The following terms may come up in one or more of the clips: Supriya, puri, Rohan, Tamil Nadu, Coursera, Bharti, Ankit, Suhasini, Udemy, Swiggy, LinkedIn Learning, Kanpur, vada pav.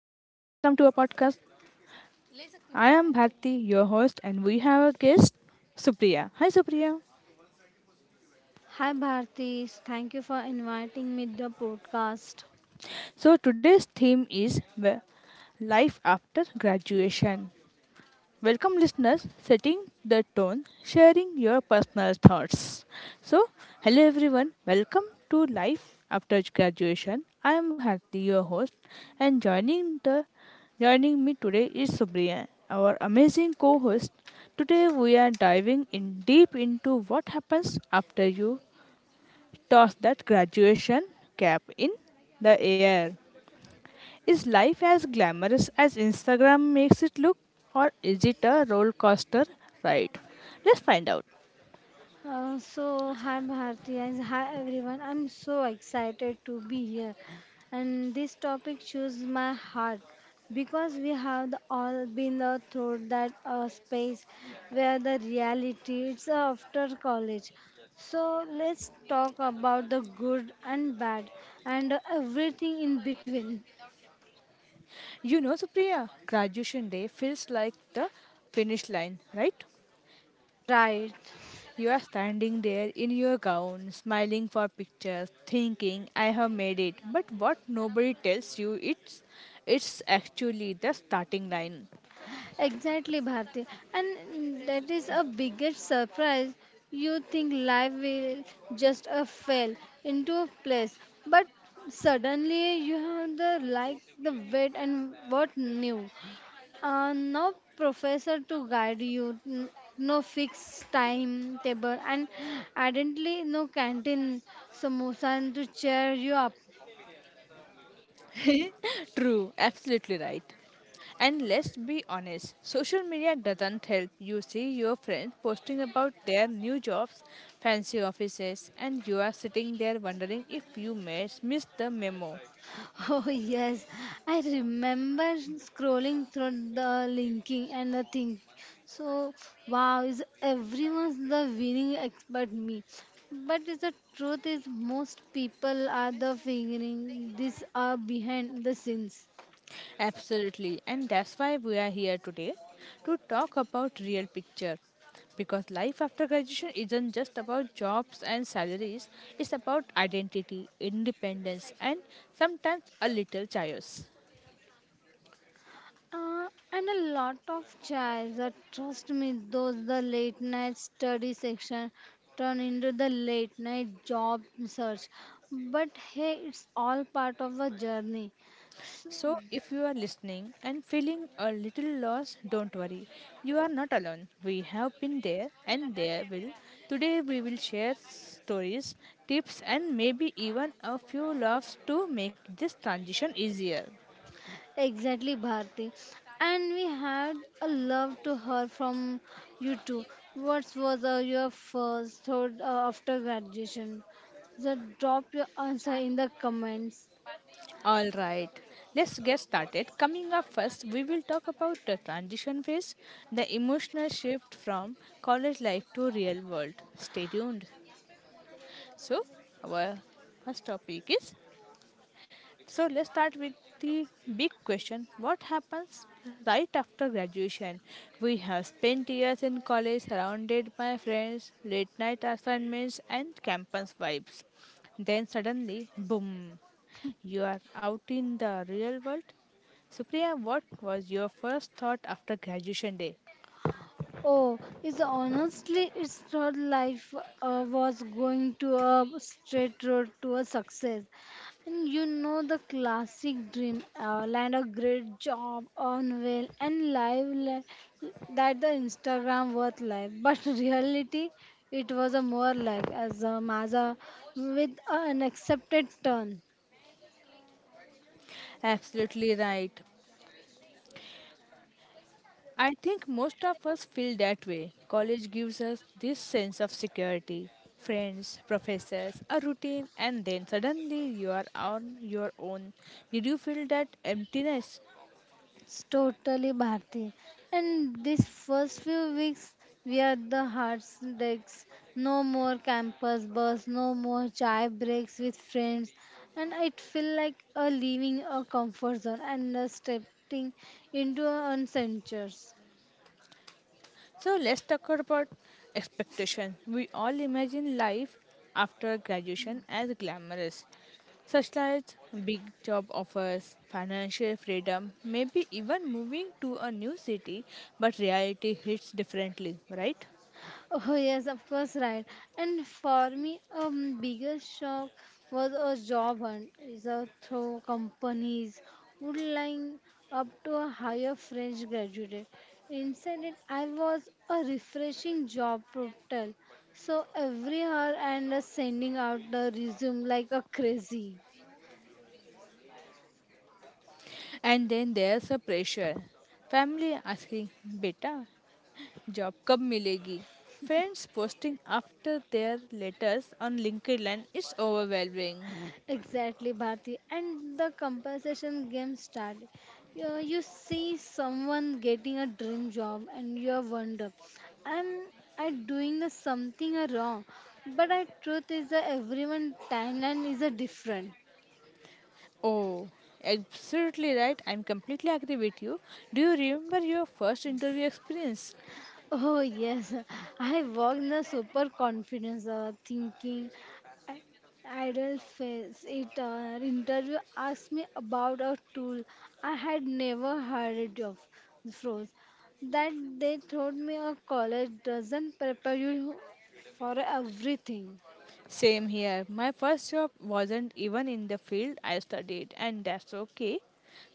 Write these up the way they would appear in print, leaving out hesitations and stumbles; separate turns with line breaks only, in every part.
Welcome to our podcast. I am Bharti, your host, and we have a guest, Supriya. Hi, Supriya.
Hi Bharti, thank you for inviting me the podcast.
So, today's theme is the life after graduation. Welcome, listeners, setting the tone, sharing your personal thoughts. So, hello everyone, welcome to Life After Graduation. I am Harti, your host, and joining me today is Subriya, our amazing co-host. Today we are diving in deep into what happens after you toss that graduation cap in the air. Is life as glamorous as Instagram makes it look, or is it a roller coaster ride? Let's find out.
So hi Bharti and hi everyone. I'm so excited to be here, and this topic chooses my heart because we have all been through that space where the reality it's after college. So let's talk about the good and bad and everything in between.
You know, Supriya, graduation day feels like the finish line, right?
Right.
You are standing there in your gown, smiling for pictures, thinking, I have made it. But what nobody tells you, it's actually the starting line.
Exactly, Bharti. And that is a biggest surprise. You think life will just a fell into a place, but suddenly you have the like the wet and what new. No professor to guide you, no fixed timetable, and evidently no canteen samosa to cheer you up.
True, absolutely right. And let's be honest, social media doesn't help you see your friends posting about their new jobs, fancy offices, and you are sitting there wondering if you missed the memo.
Oh, yes. I remember scrolling through the linking and the thing. So, wow, is everyone's the winning expert me. But is the truth is most people are the figuring this are behind the scenes.
Absolutely, and that's why we are here today to talk about real picture. Because life after graduation isn't just about jobs and salaries, it's about identity, independence, and sometimes a little chaos.
Uh, and a lot of chairs. Trust me, those the late night study section turn into the late night job search. But hey, it's all part of the journey. So,
So, if you are listening and feeling a little lost, don't worry. You are not alone. We have been there and there will. Today, we will share stories, tips, and maybe even a few laughs to make this transition easier.
exactly, Bharti. And we had a love to her from you too. What was your first thought after graduation? Just drop your answer in the comments.
All right, let's get started. Coming up first, we will talk about the transition phase, the emotional shift from college life to real world. Stay tuned. So, our first topic is so let's start with the big question. What happens right after graduation? We have spent years in college, surrounded by friends, late night assignments, and campus vibes. Then suddenly, boom, you are out in the real world. Supriya, what was your first thought after graduation day?
Oh, it's honestly, it's her life was going to a straight road to a success. And you know the classic dream, land a great job, earn well, and live that the Instagram worth life. But reality, it was a more like as a Maza with an accepted turn.
Absolutely right. I think most of us feel that way. College gives us this sense of security, friends, professors, a routine, and then suddenly you are on your own. Did you feel that emptiness?
It's totally Bharti. And these first few weeks, we are the heartbreaks. No more campus bus, no more chai breaks with friends. And it feel like a leaving a comfort zone and a stepping into uncentures.
So let's talk about expectation. We all imagine life after graduation as glamorous, such as big job offers, financial freedom, maybe even moving to a new city, but reality hits differently, right?
Oh yes, of course, right. And for me, biggest shock was a job hunt. Is a through companies would line up to a higher French graduate. Instead, it I was a refreshing job portal. So every hour and sending out the resume like a crazy.
And then there's a pressure. Family asking, Beta, job kab milegi? Friends posting after their letters on LinkedIn is overwhelming.
Exactly, Bharti. And the compensation game start. You see someone getting a dream job and you wonder, am I doing the something wrong? But the truth is that everyone timeline is a different.
Oh, absolutely right. I'm completely agree with you. Do you remember your first interview experience?
Oh yes, I walk in the super confidence, thinking I- idle face. It interview asked me about a tool I had never heard of, froze. That they told me a college doesn't prepare you for everything.
Same here. My first job wasn't even in the field I studied, and that's okay.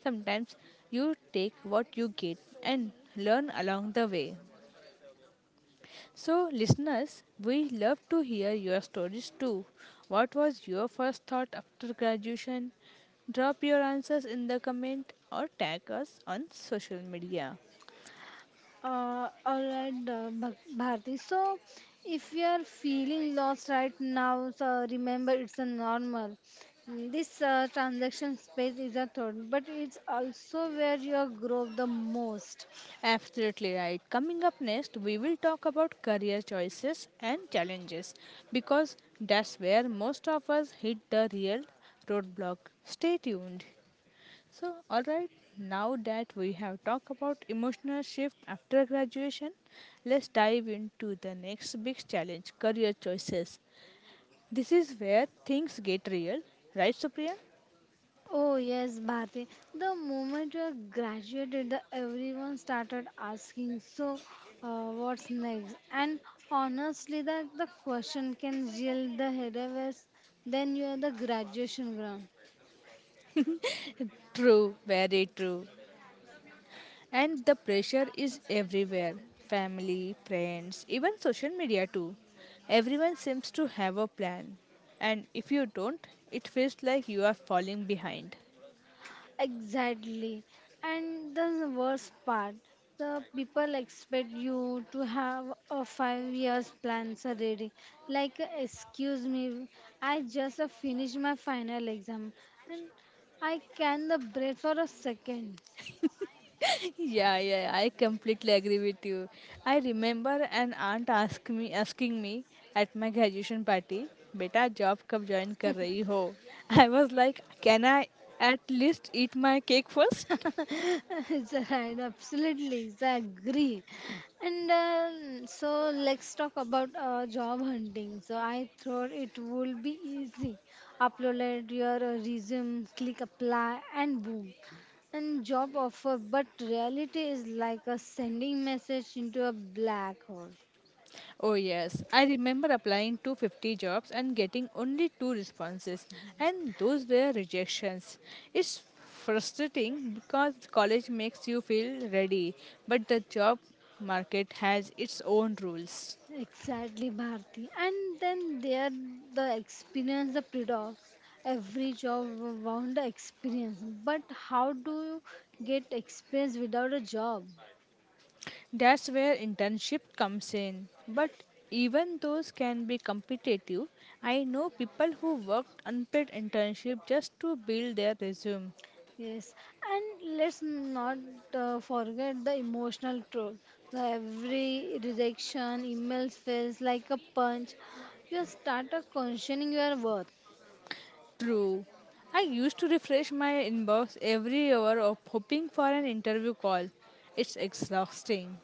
Sometimes you take what you get and learn along the way. So, listeners, we love to hear your stories too. What was your first thought after graduation? Drop your answers in the comment or tag us on social media.
All right, Bharti. So, if you are feeling lost right now, so remember it's a normal. This transaction space is a third, but it's also where you grow the most.
Absolutely right. Coming up next, we will talk about career choices and challenges, because that's where most of us hit the real roadblock. Stay tuned. So, alright, now that we have talked about emotional shift after graduation, let's dive into the next big challenge, career choices. This is where things get real, right, Supriya?
Oh yes, Bharti. The moment you are graduated, the everyone started asking, so what's next? And honestly, that the question can yield the headaches. Then you are the graduation ground.
True, very true. And the pressure is everywhere, family, friends, even social media too. Everyone seems to have a plan, and if you don't, it feels like you are falling behind.
Exactly. And that's the worst part. The people expect you to have a 5 years plans already. Like, excuse me, I just finished my final exam and I can the breath for a second.
Yeah, yeah, I completely agree with you. I remember an aunt asking me at my graduation party, "बेटा job कब join कर रही हो?" I was like, "Can I at least eat my cake first?"
It's right, absolutely, so I agree. And So let's talk about job hunting. So I thought it would be easy. Upload your resume, click apply, and boom, and job offer. But reality is like a sending message into a black hole.
Oh yes, I remember applying to 50 jobs and getting only two responses, and those were rejections. It's frustrating because college makes you feel ready, but the job market has its own rules.
Exactly, Bharti. And then there the experience, the paradox. Every job want the experience, but how do you get experience without a job?
That's where internship comes in. But even those can be competitive. I know people who worked unpaid internship just to build their resume.
Yes, and let's not forget the emotional toll. The every rejection email feels like a punch. You start questioning your worth.
True. I used to refresh my inbox every hour of hoping for an interview call. It's exhausting.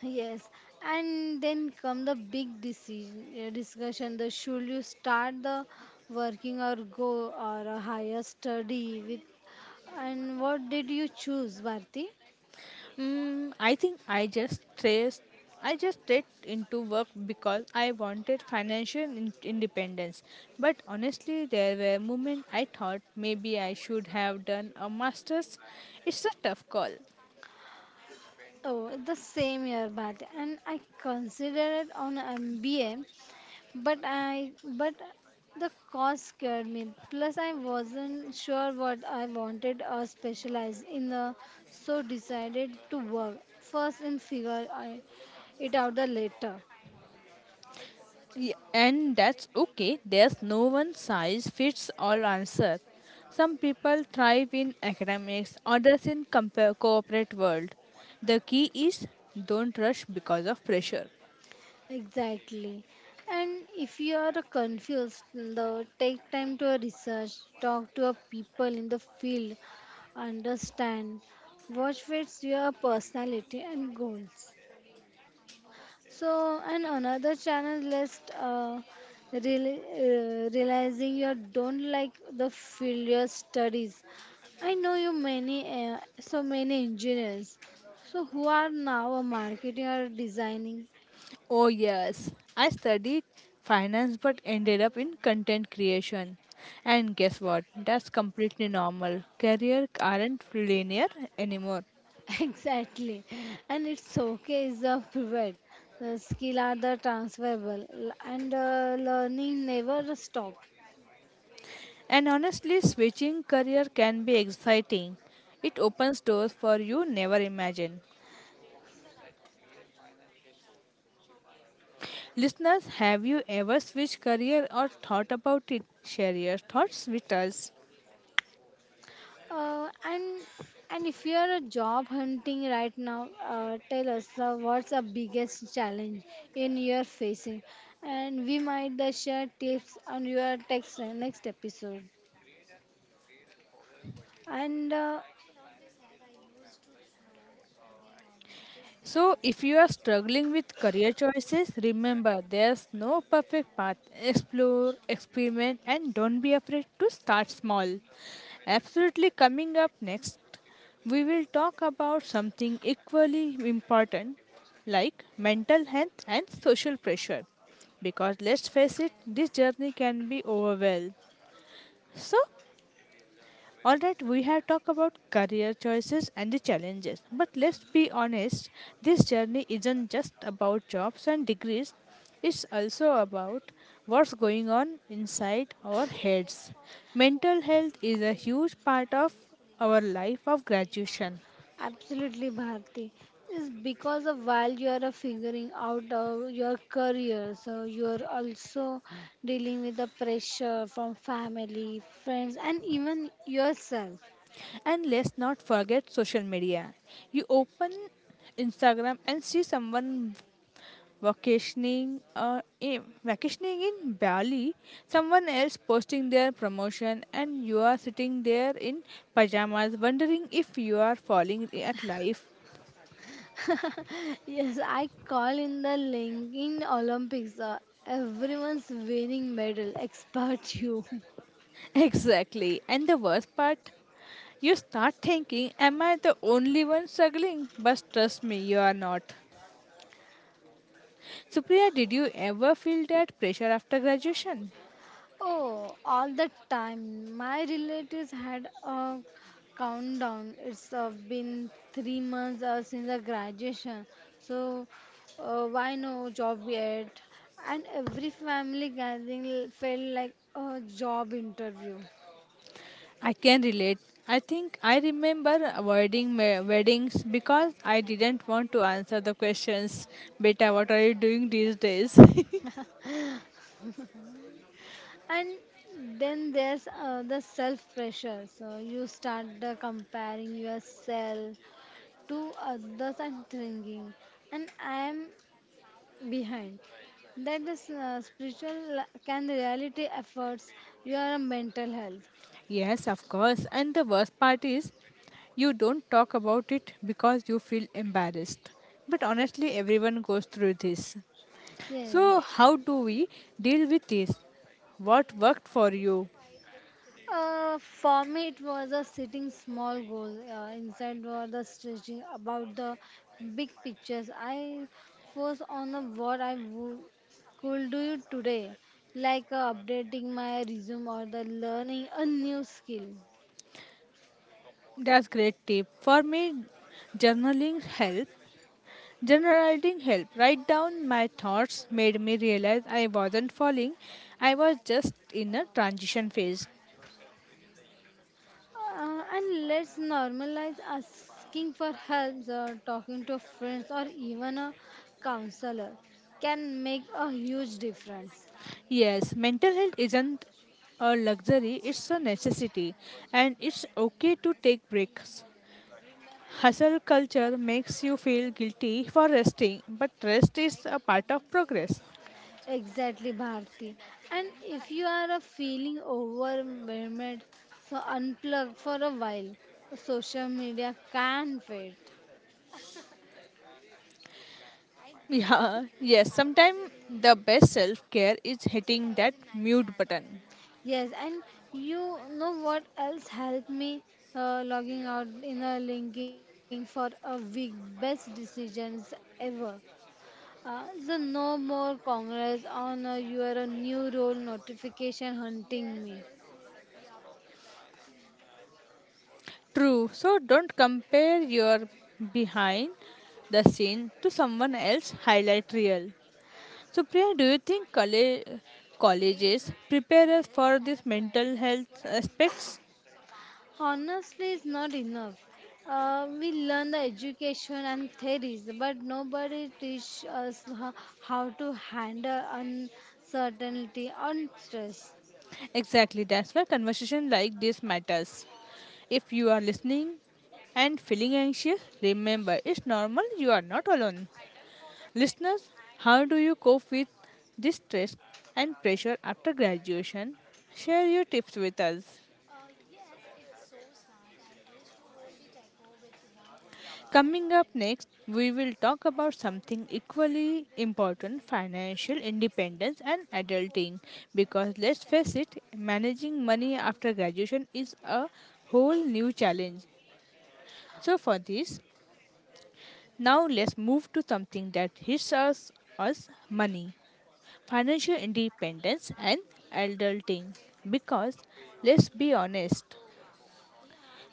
Yes, and then come the big decision, discussion. The should you start the working or go or a higher study with, and what did you choose, Bharti?
Mm, I think I just stressed. I just straight into work because I wanted financial independence. But honestly, there were moments I thought maybe I should have done a master's. It's a tough call.
Oh, the same year, Bharti, and I considered on MBA. But I, but the cost scared me. Plus, I wasn't sure what I wanted or specialized in the, so decided to work first and figure it out the later.
Y- And that's okay. There's no one size fits all answer. Some people thrive in academics, others in corporate world. The key is don't rush because of pressure.
Exactly. And if you are confused, though, take time to research, talk to a people in the field, understand, watch fits your personality and goals. So, and another channel list, realizing you don't like the field your studies. I know you many, so many engineers. So who are now a marketing or designing?
Oh, yes. I studied finance but ended up in content creation. And guess what? That's completely normal. Career aren't linear anymore.
exactly, and it's okay. It's a pivot. The skill are the transferable, l- and learning never stop.
And honestly, switching career can be exciting. It opens doors for you never imagined. Listeners, have you ever switched career or thought about it? Share your thoughts with us.
Uh, and and if you are a job hunting right now, tell us what's the biggest challenge in your facing, and we might share tips on your text next episode. And
So, if you are struggling with career choices, remember there's no perfect path. Explore, experiment, and don't be afraid to start small. Absolutely, coming up next, we will talk about something equally important, like mental health and social pressure. Because let's face it, this journey can be overwhelmed. So, all right, we have talked about career choices and the challenges, but let's be honest, this journey isn't just about jobs and degrees, it's also about what's going on inside our heads. Mental health is a huge part of our life of graduation.
absolutely, Bharti, is because of while you are figuring out your career, so you are also dealing with the pressure from family, friends, and even yourself.
And let's not forget social media. You open Instagram and see someone vacationing vacationing in Bali, someone else posting their promotion, and you are sitting there in pajamas wondering if you are falling at life.
Yes, I call in the Linking Olympics. Everyone's winning medal, expert you.
Exactly. And the worst part, you start thinking, Am I the only one struggling? But trust me, you are not. Supriya, did you ever feel that pressure after graduation?
Oh, all the time. My relatives had a countdown. It's been 3 months since the graduation. So, why no job yet? And every family gathering felt like a job interview.
I can relate. I think I remember avoiding weddings because I didn't want to answer the questions. Beta, what are you doing these days?
And then there's the self pressure. So you start the comparing yourself to others and thinking, and I am behind. That is spiritual can reality efforts your mental health.
yes, of course. And the worst part is you don't talk about it because you feel embarrassed. But honestly, everyone goes through this.
Yeah.
So, how do we deal with this? What worked for you?
For me, it was a setting small goal. Inside was the stretching about the big pictures. I was on the what I would, could do today, like updating my resume or the learning a new skill.
That's great tip. For me, journaling helped. Generalizing help. Write down my thoughts made me realize I wasn't falling. I was just in a transition phase.
And let's normalize asking for help or talking to friends or even a counselor can make a huge difference.
Yes, mental health isn't a luxury, it's a necessity. And it's okay to take breaks. Hustle culture makes you feel guilty for resting, but rest is a part of progress.
Exactly, Bharti. And if you are a feeling overwhelmed, so unplug for a while. Social media can wait.
Yeah, yes, sometimes the best self care is hitting that mute button.
Yes, and you know what else helped me logging out in a linking for a week? Best decisions ever. So no more Congress on your new role notification hunting me.
True. So don't compare your behind the scene to someone else highlight reel. So Priya, do you think colleges prepare us for this mental health aspects?
Honestly, it's not enough. We learn the education and theories, but nobody teach us how to handle uncertainty and stress.
Exactly. That's why conversation like this matters. If you are listening and feeling anxious, remember it's normal. You are not alone. Listeners, how do you cope with this stress and pressure after graduation? Share your tips with us. Coming up next, we will talk about something equally important, financial independence and adulting. Because let's face it, managing money after graduation is a whole new challenge. So, for this, now let's move to something that hits us, money, financial independence, and adulting, because let's be honest,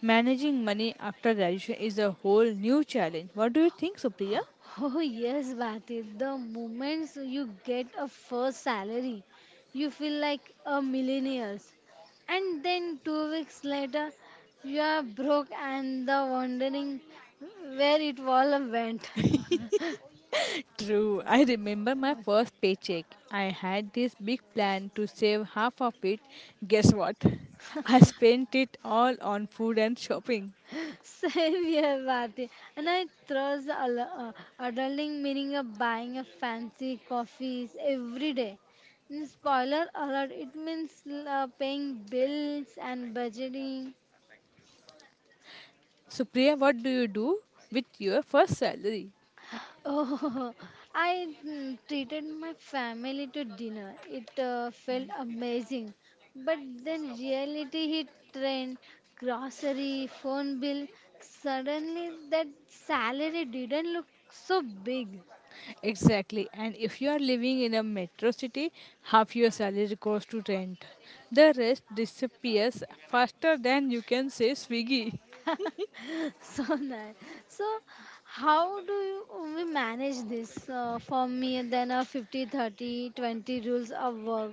managing money after graduation is a whole new challenge. What do you think, Supriya?
Oh yes, Bhati, the moments you get a first salary, you feel like a millionaire. And then 2 weeks later, you are broke and the wondering where it all went.
True. I remember my first paycheck. I had this big plan to save half of it. Guess what? I spent it all on food and shopping.
Same here, Bharti. And I trust the adulting meaning of buying a fancy coffees every day. And spoiler alert, it means paying bills and budgeting.
So, Priya, what do you do with your first salary?
Oh, I treated my family to dinner. It felt amazing. But then reality hit train, grocery, phone bill. Suddenly that salary didn't look so big.
Exactly. And if you are living in a metro city, half your salary goes to rent. The rest disappears faster than you can say Swiggy.
So nice. So, how do you, we manage this? For me, then a 50 30 20 rules of work.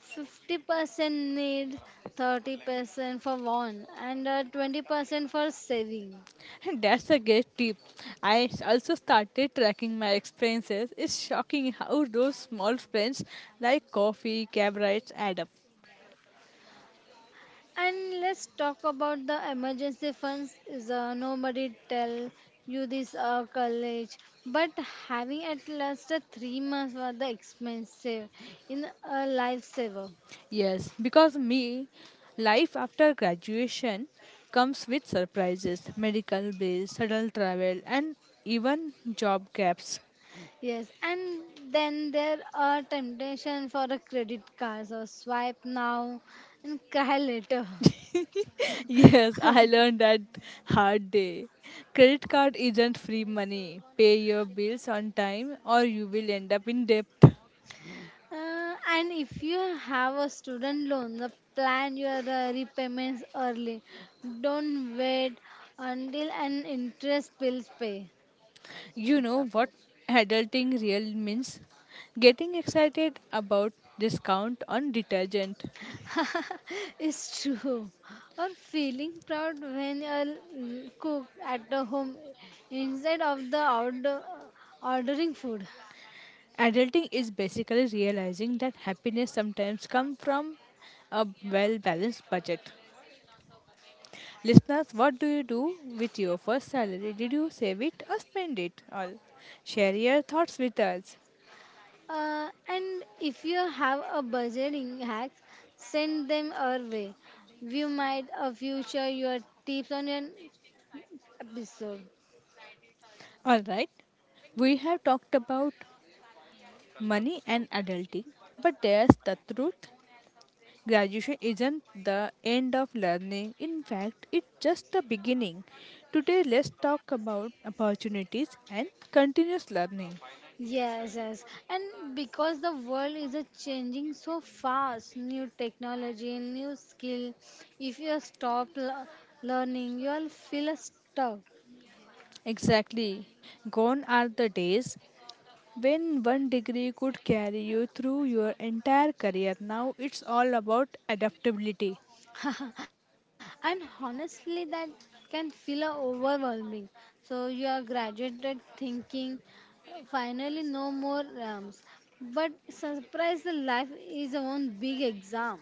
50% need, 30% for one, and 20% for saving.
That's a great tip. I also started tracking my expenses. It's shocking how those small spends like coffee, cab rides add up.
And let's talk about the emergency funds. Is nobody tell you this college, but having at least a 3 months for the expensive in a lifesaver.
Yes, because me, life after graduation comes with surprises, medical bills, sudden travel, and even job gaps.
Yes, and then there are temptation for a credit card, so swipe now and cry later.
yes, I learned that hard day. Credit card isn't free money. Pay your bills on time or you will end up in debt.
And if you have a student loan, the plan your repayments early. Don't wait until an interest bills pay.
You know what adulting real means? Getting excited about discount on detergent.
It's true. Or feeling proud when you cook at the home instead of the outdoor ordering food.
Adulting is basically realizing that happiness sometimes comes from a well balanced budget. Listeners, what do you do with your first salary? Did you save it or spend it? All share your thoughts with us.
And if you have a budgeting hacks, send them our way. We might a future your tips on an episode.
All right, we have talked about money and adulting, but there's the truth. Graduation isn't the end of learning. In fact, it's just the beginning. Today, let's talk about opportunities and continuous learning.
Yes, yes. And because the world is a changing so fast, new technology, new skill, if you stop learning, you'll feel stuck.
Exactly. Gone are the days when one degree could carry you through your entire career. Now it's all about adaptability.
And honestly that can feel overwhelming, so you are graduated thinking finally no more rams, but surprise the life is one big exam.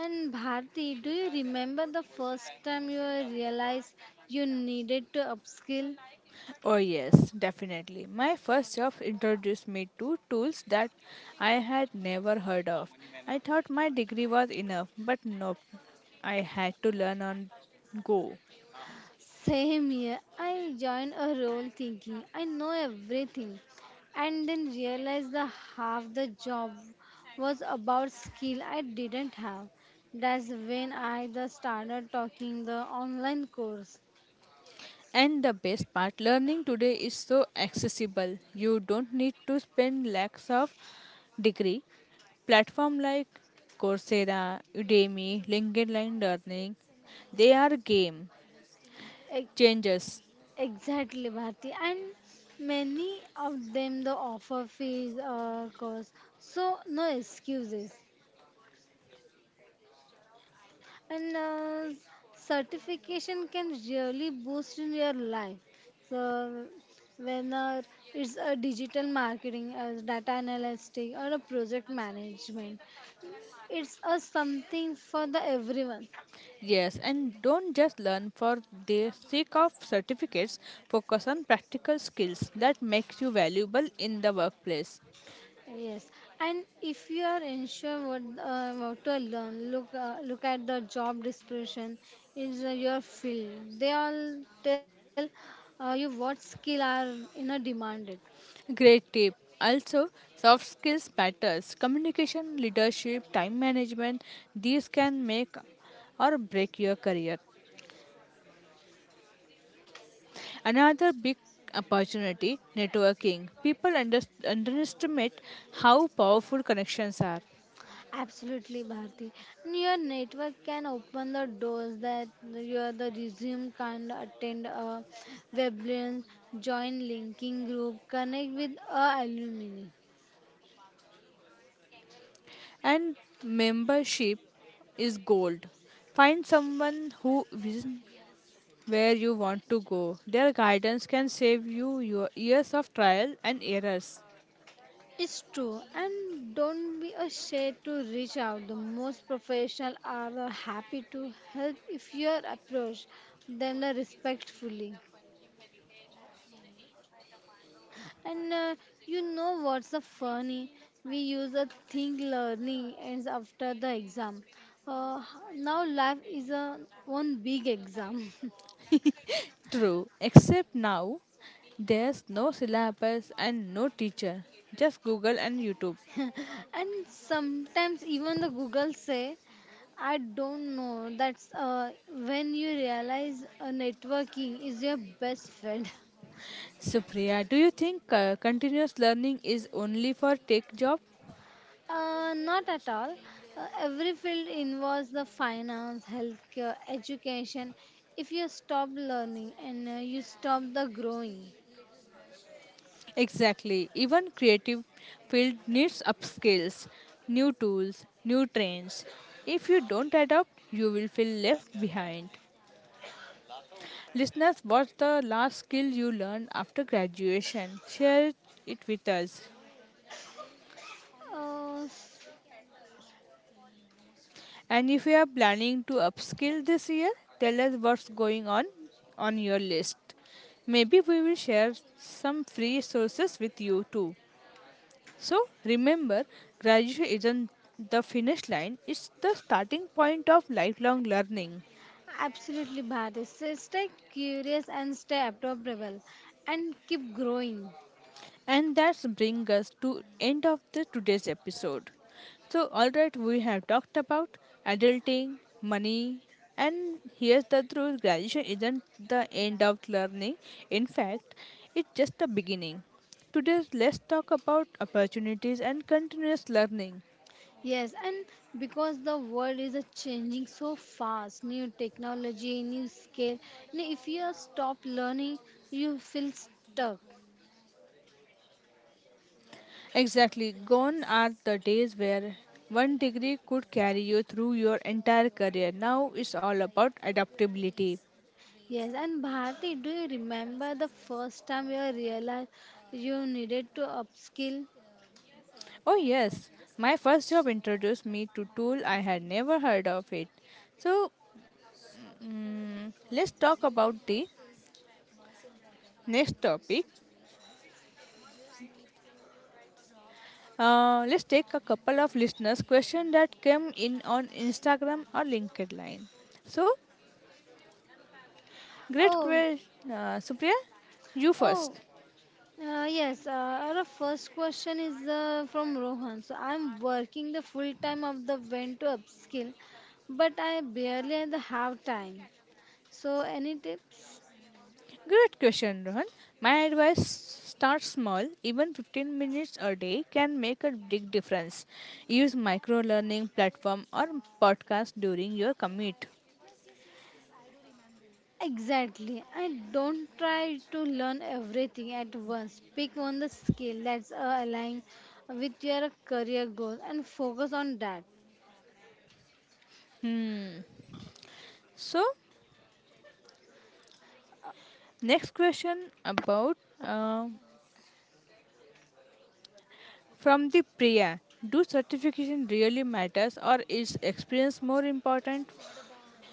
And Bharti, do you remember the first time you realized you needed to upskill?
Oh, yes, definitely. My first job introduced me to tools that I had never heard of. I thought my degree was enough, but nope. I had to learn on go.
Same here. I joined a role thinking I know everything and then realized that half the job was about skill I didn't have. That's when I the started talking the online course.
And the best part, learning today is so accessible. You don't need to spend lakhs of degree. Platform like Coursera, Udemy, LinkedIn Learning, they are game
E-
changers.
Exactly, Bharti. And many of them the offer fees course. So no excuses. And Certification can really boost in your life, so when it's a digital marketing as data analytic or a project management, it's a something for the everyone.
Yes, and don't just learn for the sake of certificates. Focus on practical skills that makes you valuable in the workplace.
Yes, and if you are unsure what what to learn, look at the job description is your field, they all tell you what skill are you know demanded.
Great tip. Also, soft skills matters. Communication, leadership, time management, these can make or break your career. Another big opportunity, networking. People underestimate how powerful connections are.
Absolutely, Bharti. Your network can open the doors that your the resume can't attend a webinars, join linking group, connect with a alumni.
And membership is gold. Find someone who vision where you want to go. Their guidance can save you your years of trial and errors.
It's true, and don't be ashamed to reach out. The most professional are happy to help if you approach them respectfully. And you know what's the funny? We use a thing learning ends after the exam. Uh, now life is a one big exam.
True, except now there's no syllabus and no teacher. Just Google and YouTube.
And sometimes even the Google say, I don't know. That's when you realize networking is your best friend.
Supriya, do you think continuous learning is only for tech job?
Not at all. Every field involves the finance, healthcare, education. If you stop learning and you stop the growing,
Exactly. Even creative field needs upskills, new tools, new trends. If you don't adapt, you will feel left behind. Listeners, what's the last skill you learned after graduation? Share it with us.
uh,
And if you are planning to upskill this year, tell us what's going on your list. Maybe we will share some free sources with you too. So remember, graduation isn't the finish line, it's the starting point of lifelong learning.
absolutely bad. So stay curious and stay adaptable, and keep growing.
And that's bring us to end of the today's episode. So alright, we have talked about adulting, money, and here's the truth, graduation isn't the end of learning. In fact, it's just the beginning. Today, let's talk about opportunities and continuous learning.
Yes, and because the world is a changing so fast, new technology, new scale. And if you stop learning, you feel stuck.
Exactly. Gone are the days where one degree could carry you through your entire career. Now it's all about adaptability.
Yes, and Bharti, do you remember the first time you realized you needed to upskill?
Oh, yes. My first job introduced me to tool I had never heard of it. So, let's talk about the next topic. Let's take a couple of listeners' question that came in on Instagram or LinkedIn. So, great
Oh,
question, Supriya. You
oh,
first.
yes. Our first question is from Rohan. So I'm working the full time of the when to upskill, but I barely have time. So any tips?
Great question, Rohan. My advice start small, even 15 minutes a day can make a big difference. Use micro learning platform or podcast during your commute.
Exactly. I don't try to learn everything at once. Pick on the skill that's aligned with your career goals and focus on that.
Hmm. So, next question about uh, from the Priya. Do certification really matters or is experience more important?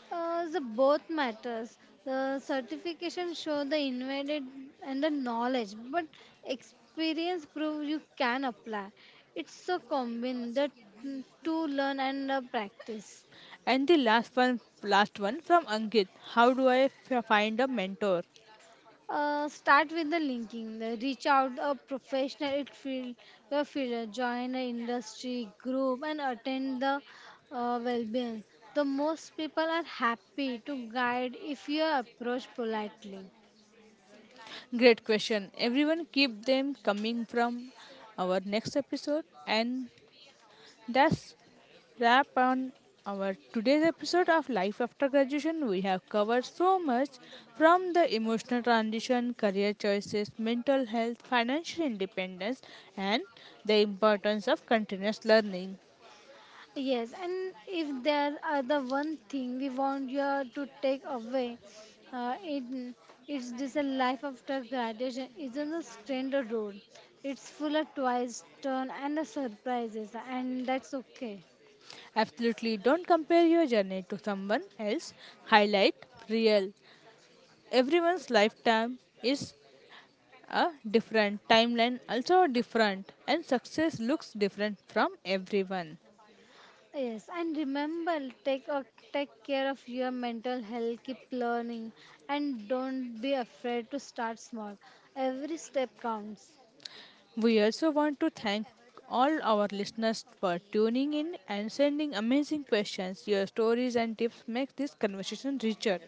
The both matters. The certification show the invented and the knowledge, but experience prove you can apply. It's a combine the to learn and practice.
And last one from Ankit. How do I find a mentor?
Start with the linking. The reach out a professional it field your field. Join a industry group and attend the well-being. The most people are happy to guide if you approach politely.
Great question, everyone. Keep them coming from our next episode. And that's wrap on our today's episode of Life After Graduation. We have covered so much, from the emotional transition, career choices, mental health, financial independence, and the importance of continuous learning.
Yes, and if there are the one thing we want you to take away, uh, it, it's this a life after graduation isn't a standard road. It's full of twists, turn, and the surprises, and that's okay.
Absolutely, don't compare your journey to someone else highlight real. Everyone's lifetime is a different, timeline also different, and success looks different from everyone.
Yes, and remember, take a, take care of your mental health, keep learning, and don't be afraid to start small. Every step counts.
We also want to thank all our listeners for tuning in and sending amazing questions. Your stories and tips make this conversation richer.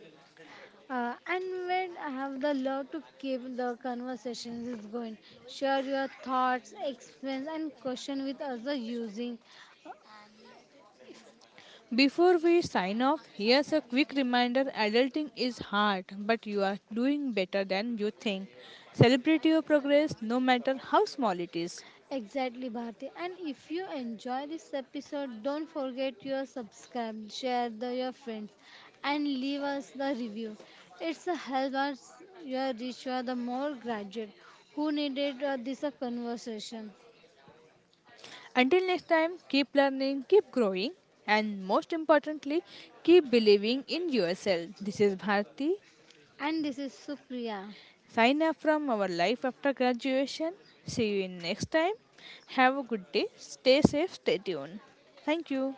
And when I have the love to keep the conversations is going, share your thoughts, experience, and question with us the using
Before we sign off, here's a quick reminder, adulting is hard, but you are doing better than you think. Celebrate your progress, no matter how small it is.
exactly Bharti. And if you enjoy this episode, don't forget your subscribe, share the your friends, and leave us the review. It's a help us your reach you are the more graduate who needed this conversation.
Until next time, keep learning, keep growing, and most importantly, keep believing in yourself. This is Bharti.
And this is Supriya.
Sign up from our life after graduation. See you in next time. Have a good day. Stay safe, stay tuned. Thank you.